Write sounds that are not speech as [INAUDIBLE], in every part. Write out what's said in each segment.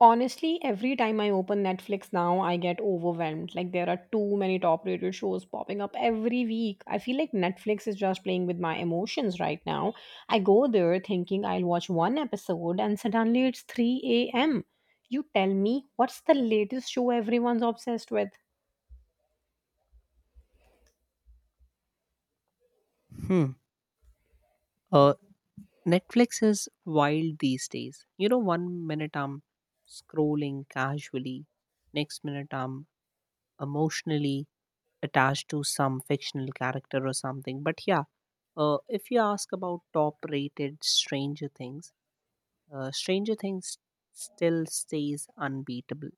Honestly, every time I open Netflix now, I get overwhelmed. Like, there are too many top rated shows popping up every week. I feel like Netflix is just playing with my emotions right now. I go there thinking I'll watch one episode, and suddenly it's 3 a.m. You tell me what's the latest show everyone's obsessed with? Hmm. Uh, Netflix is wild these days. You know, one minute I'm scrolling casually, next minute I'm emotionally attached to some fictional character or something. But yeah, if you ask about top rated Stranger Things, still stays unbeatable.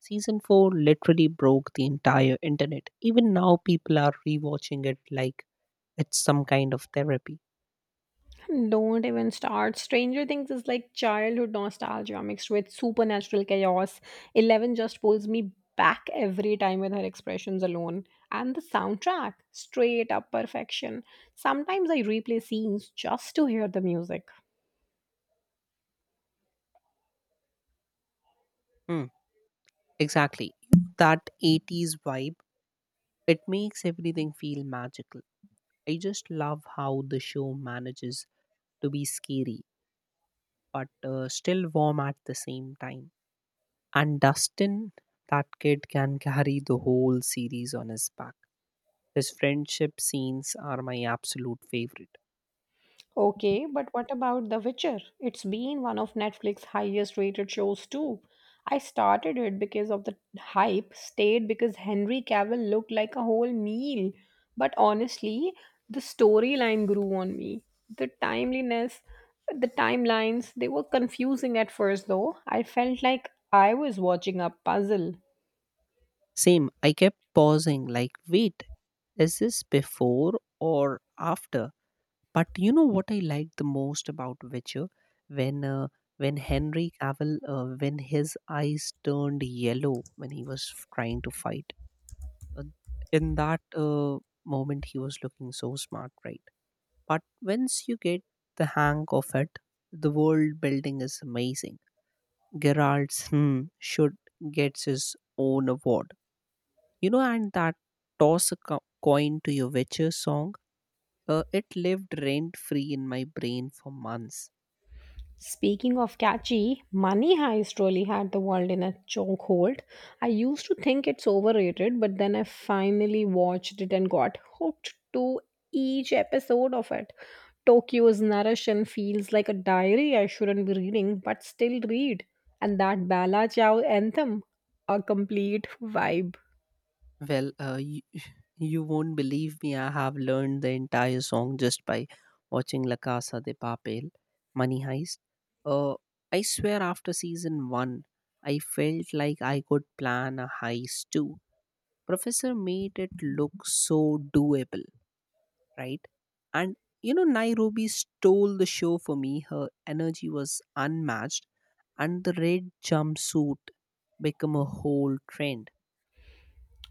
Season 4 literally broke the entire internet. Even now, people are rewatching it like it's some kind of therapy. Don't even start. Stranger Things is like childhood nostalgia mixed with supernatural chaos. Eleven just pulls me back every time with her expressions alone. And the soundtrack, straight up perfection. Sometimes I replay scenes just to hear the music. Hmm, exactly. That 80s vibe, it makes everything feel magical. I just love how the show manages to be scary, but still warm at the same time. And Dustin, that kid can carry the whole series on his back. His friendship scenes are my absolute favorite. Okay, but what about The Witcher? It's been one of Netflix's highest rated shows too. I started it because of the hype, stayed because Henry Cavill looked like a whole meal. But honestly, the storyline grew on me. The timeliness, the timelines, they were confusing at first though. I felt like I was watching a puzzle. Same, I kept pausing, like, wait, is this before or after? But you know what I liked the most about Witcher? When uh, when Henry Cavill, when his eyes turned yellow when he was trying to fight. Uh, in that moment, he was looking so smart, right? But once you get the hang of it, the world building is amazing. Geraldson should get his own award. You know, and that toss a coin to your witcher song, it lived rent free in my brain for months. Speaking of catchy, Money Heist really had the world in a chokehold. I used to think it's overrated, but then I finally watched it and got hooked to each episode of it. Tokyo's narration feels like a diary I shouldn't be reading, but still read. And that Bala Chow anthem, a complete vibe. Well, [LAUGHS] you won't believe me, I have learned the entire song just by watching La Casa de Papel, Money Heist. Uh, I swear, after season one, I felt like I could plan a heist too. Professor made it look so doable, right? And you know, Nairobi stole the show for me. Her energy was unmatched, and the red jumpsuit became a whole trend.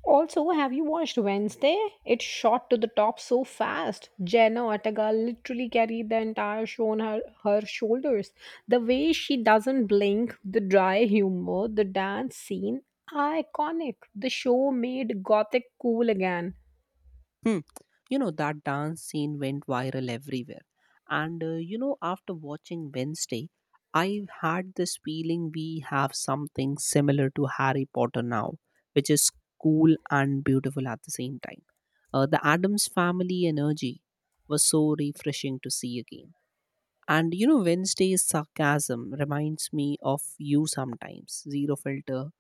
Also, have you watched Wednesday? It shot to the top so fast. Jenna Ortega literally carried the entire show on her shoulders. The way she doesn't blink, the dry humor, the dance scene, iconic. The show made gothic cool again. Hmm. You know, that dance scene went viral everywhere. And you know, after watching Wednesday, I had this feeling we have something similar to Harry Potter now, which is cool and beautiful at the same time. The Adams family energy was so refreshing to see again. And you know, Wednesday's sarcasm reminds me of you sometimes. Zero filter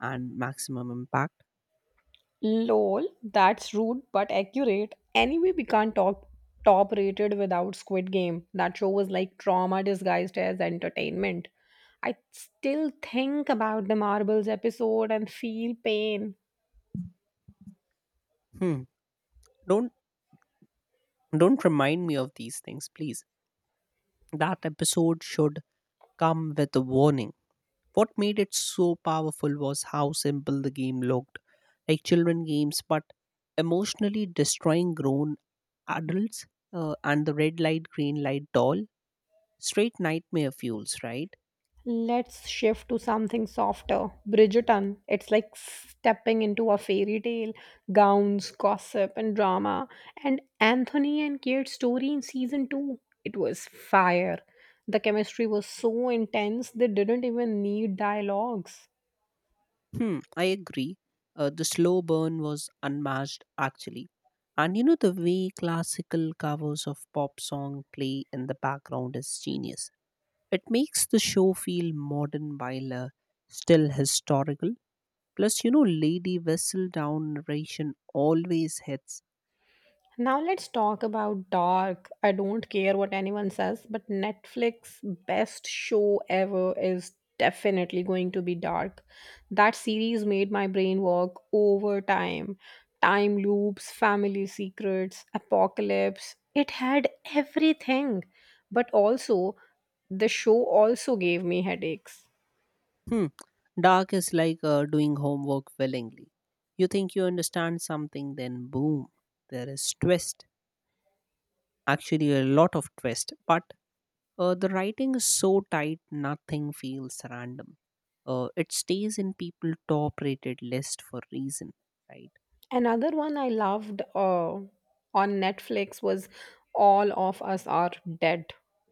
and maximum impact. Lol, that's rude but accurate. Anyway, we can't talk top rated without Squid Game. That show was like trauma disguised as entertainment. I still think about the marbles episode and feel pain. Hmm. Don't don't remind me of these things, please. That episode should come with a warning. What made it so powerful was how simple the game looked. Like children games, but emotionally destroying grown adults. And the red light, green light doll. Straight nightmare fuels, right? Let's shift to something softer. Bridgerton. It's like stepping into a fairy tale. Gowns, gossip, and drama. And Anthony and Kate's story in season two. It was fire. The chemistry was so intense, they didn't even need dialogues. Hmm, I agree. The slow burn was unmatched, actually. And you know, the way classical covers of pop song play in the background is genius. It makes the show feel modern while still historical. Plus, you know, Lady Whistledown narration always hits. Now let's talk about dark. I don't care what anyone says, but Netflix best show ever is definitely going to be dark. That series made my brain work overtime. Time loops, family secrets, apocalypse. It had everything. But also the show also gave me headaches. Hmm, dark is like doing homework willingly. You think you understand something, then boom, there is twist. Actually, a lot of twist, but the writing is so tight, nothing feels random. It stays in people top rated list for reason, right? Another one I loved on Netflix was All of Us Are Dead.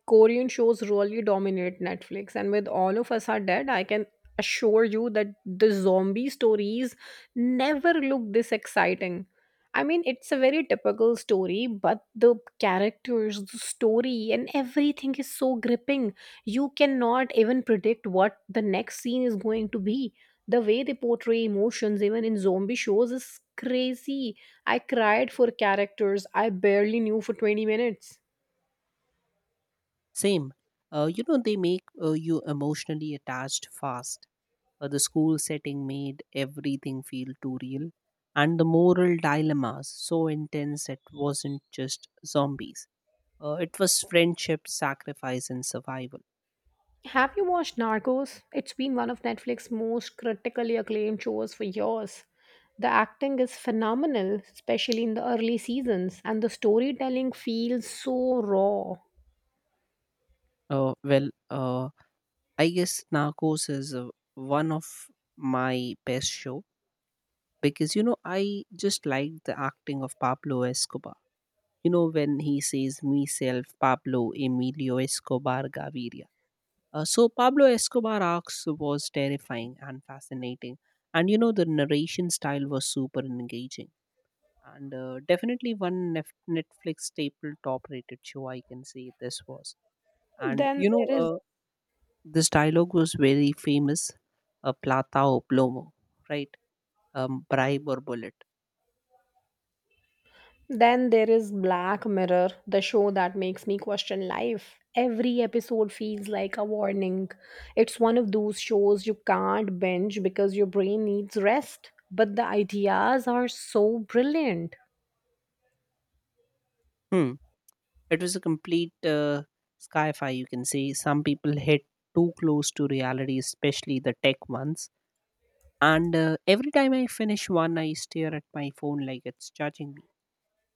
Korean shows really dominate Netflix, and with All of Us Are Dead, I can assure you that the zombie stories never look this exciting. I mean, it's a very typical story, but the characters, the story, and everything is so gripping. You cannot even predict what the next scene is going to be the way they portray emotions, even in zombie shows, is crazy. I cried for characters I barely knew for 20 minutes. Same. You know, they make you emotionally attached fast. The school setting made everything feel too real. And the moral dilemmas so intense it wasn't just zombies. It was friendship, sacrifice, and survival. Have you watched Narcos? It's been one of Netflix's most critically acclaimed shows for years. The acting is phenomenal, especially in the early seasons, and the storytelling feels so raw. Well, I guess Narcos is one of my best show because you know I just like the acting of Pablo Escobar. You know, when he says, myself Pablo Emilio Escobar Gaviria. So Pablo Escobar arcs was terrifying and fascinating, and you know the narration style was super engaging, and definitely one Netflix staple top rated show I can say this was. And Then you know, there is this dialogue was very famous, plata o plomo, right? Bribe or bullet. Then there is Black Mirror, the show that makes me question life. Every episode feels like a warning. It's one of those shows you can't binge because your brain needs rest, but the ideas are so brilliant. Hmm. It was a complete sky fi, you can say. Some people hit too close to reality, especially the tech ones. And every time I finish one, I stare at my phone like it's judging me.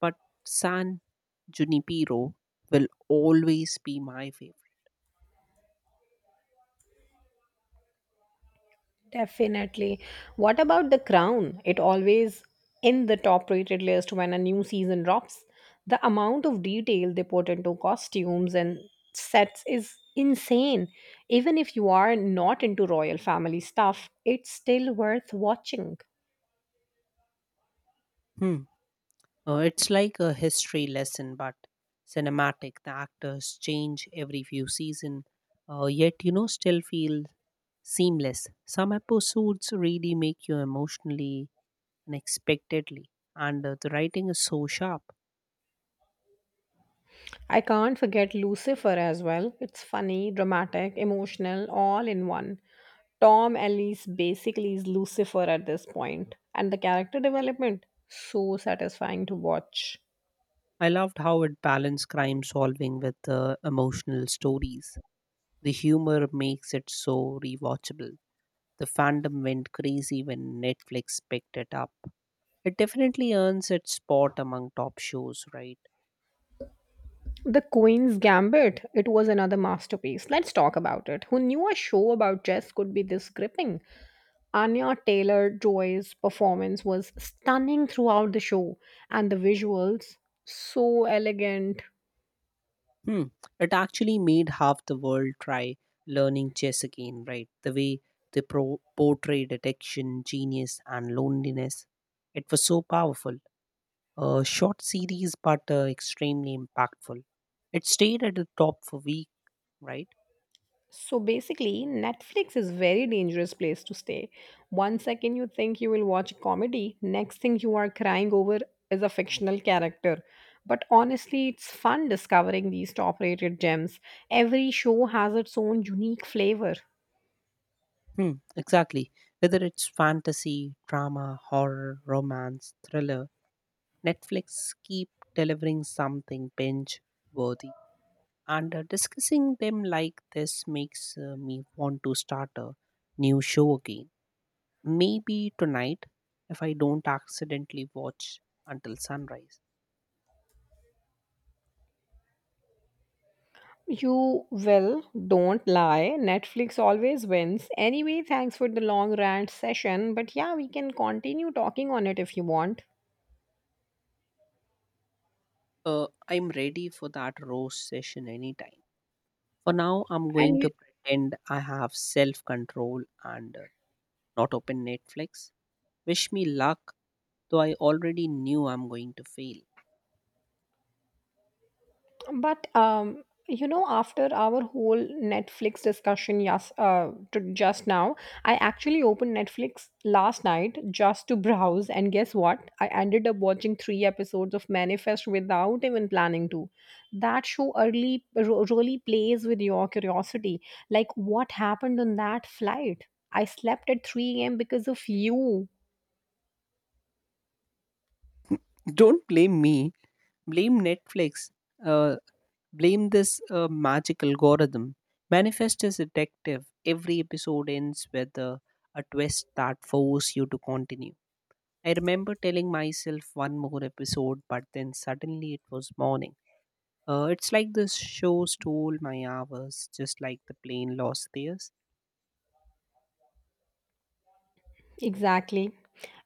But San Junipero will always be my favorite. Definitely. What about The Crown? It always in the top rated list when a new season drops. The amount of detail they put into costumes and sets is insane. Even if you are not into royal family stuff, it's still worth watching. Hmm. It's like a history lesson, but cinematic. The actors change every few season, yet you know still feel seamless. Some episodes really make you emotionally unexpectedly, and the writing is so sharp. I can't forget Lucifer as well. It's funny, dramatic, emotional, all in one. Tom Ellis basically is Lucifer at this point, and the character development so satisfying to watch. I loved how it balanced crime solving with emotional stories. The humor makes it so rewatchable. The fandom went crazy when Netflix picked it up. It definitely earns its spot among top shows, right? The Queen's Gambit, it was another masterpiece. Let's talk about it. Who knew a show about chess could be this gripping? Anya Taylor Joy's performance was stunning throughout the show, and the visuals so elegant. Hmm. It actually made half the world try learning chess again, right? The way they portrayed addiction, genius, and loneliness. It was so powerful. A short series, but extremely impactful. It stayed at the top for week, right? So basically, Netflix is very dangerous place to stay. One second you think you will watch a comedy, next thing you are crying over is a fictional character. But honestly, it's fun discovering these top-rated gems. Every show has its own unique flavor. Hmm, exactly. Whether it's fantasy, drama, horror, romance, thriller, Netflix keep delivering something binge worthy. And discussing them like this makes me want to start a new show again. Maybe tonight, if I don't accidentally watch until sunrise. You will, don't lie. Netflix always wins. Anyway, thanks for the long rant session, but yeah, we can continue talking on it if you want. I'm ready for that roast session anytime. For now, I'm going to And pretend I have self control and not open Netflix. Wish me luck, though I already knew I'm going to fail. But You know, after our whole Netflix discussion, I actually opened Netflix last night just to [LAUGHS] browse, and guess what? I ended up watching three episodes of Manifest without even planning to. That show really plays with your curiosity. Like, what happened on that flight? I slept at 3 a.m. because of you. Don't blame me, blame Netflix, uh, blame this magic algorithm. Manifest is addictive. Every episode ends with a twist that forces you to continue. I remember telling myself one more episode, but then suddenly it was morning. It's like this show stole my hours, just like the plane lost theirs. Exactly.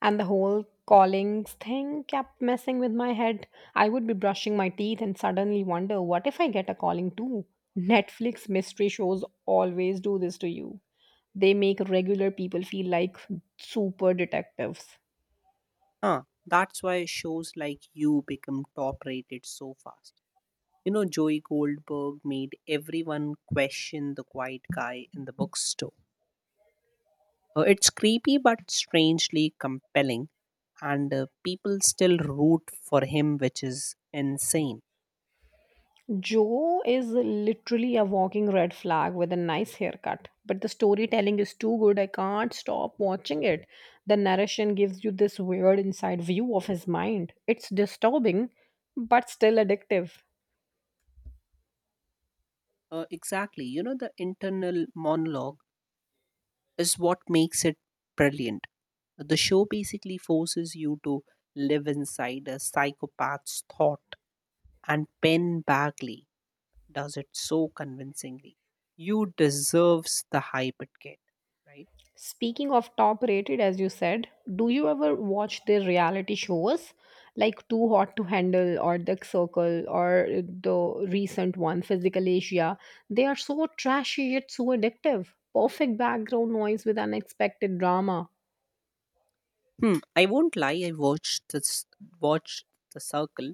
And the whole callings thing kept messing with my head. I would be brushing my teeth and suddenly wonder, what if I get a calling too? Netflix mystery shows always do this to you. They make regular people feel like super detectives. Huh, that's why shows like you become top rated so fast. You know, Joey Goldberg made everyone question the quiet guy in the bookstore. It's creepy but strangely compelling, and people still root for him, which is insane. Joe is literally a walking red flag with a nice haircut, but the storytelling is too good. I can't stop watching it. The narration gives you this weird inside view of his mind. It's disturbing, but still addictive. Exactly. You know, the internal monologue is what makes it brilliant. The show basically forces you to live inside a psychopath's thought, and Ben Bagley does it so convincingly. You deserves the hype it get, right? Speaking of top rated, as you said, do you ever watch their reality shows like Too Hot to Handle or The Circle or the recent one, Physical Asia? They are so trashy yet so addictive. Perfect background noise with unexpected drama. Hmm. I won't lie. I watched The Circle,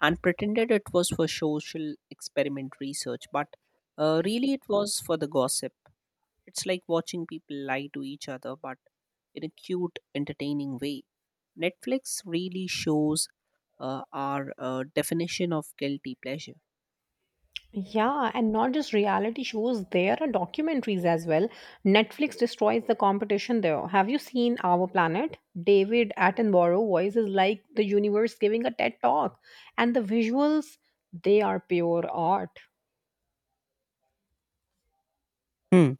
and pretended it was for social experiment research, but really it was for the gossip. It's like watching people lie to each other, but in a cute, entertaining way. Netflix really shows our definition of guilty pleasure. Yeah, and not just reality shows, there are documentaries as well. Netflix destroys the competition there. Have you seen Our Planet? David Attenborough voice is like the universe giving a TED talk. And the visuals, they are pure art. Hmm.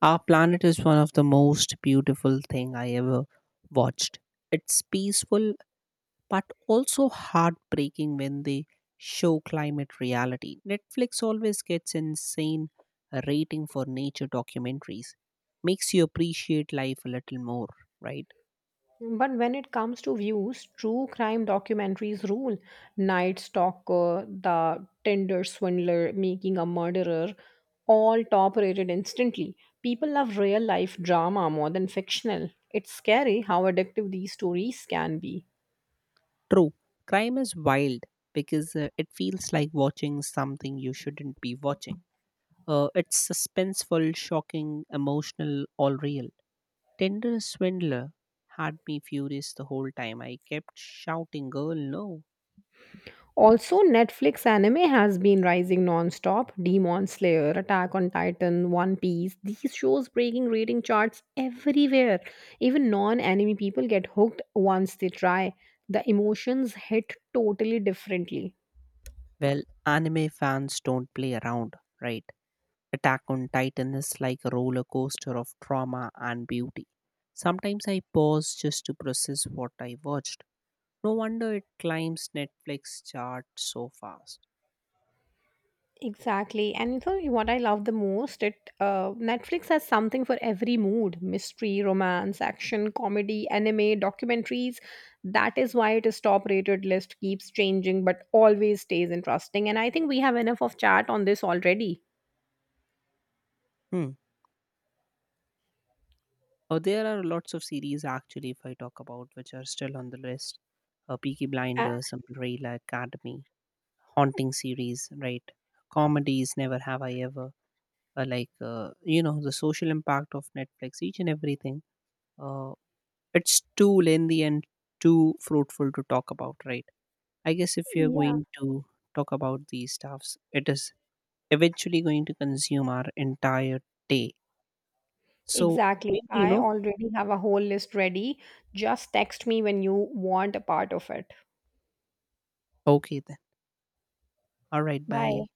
Our planet is one of the most beautiful thing I ever watched. It's peaceful, but also heartbreaking when they show climate reality. Netflix always gets insane rating for nature documentaries. Makes you appreciate life a little more, right? But when it comes to views, true crime documentaries rule. Night Stalker, The Tinder Swindler, Making a Murderer, all top rated instantly. People love real life drama more than fictional. It's scary how addictive these stories can be. True, crime is wild because it feels like watching something you shouldn't be watching. It's suspenseful, shocking, emotional, all real. Tender Swindler had me furious the whole time. I kept shouting, Girl, no. Also, Netflix anime has been rising non-stop. Demon Slayer, Attack on Titan, One Piece. These shows breaking rating charts everywhere. Even non-anime people get hooked once they try. The emotions hit totally differently. Well, anime fans don't play around, right? Attack on Titan is like a roller coaster of trauma and beauty. Sometimes I pause just to process what I watched. No wonder it climbs Netflix chart so fast. Exactly. And you know what I love the most? It Netflix has something for every mood: mystery, romance, action, comedy, anime, documentaries. That is why it is top-rated list keeps changing, but always stays interesting. And I think we have enough of chat on this already. Hmm. There are lots of series actually, if I talk about, which are still on the list. Peaky Uh, Blinders, Umbrella Academy, haunting series, right? Comedies, Never Have I Ever. You know, the social impact of Netflix, each and everything. Uh, it's too lengthy and too fruitful to talk about, right? I guess if you're yeah, going to talk about these stuffs, it is eventually going to consume our entire day. So exactly. maybe, you I know, already have a whole list ready. Just text me when you want a part of it. okay then. All right, Bye. bye.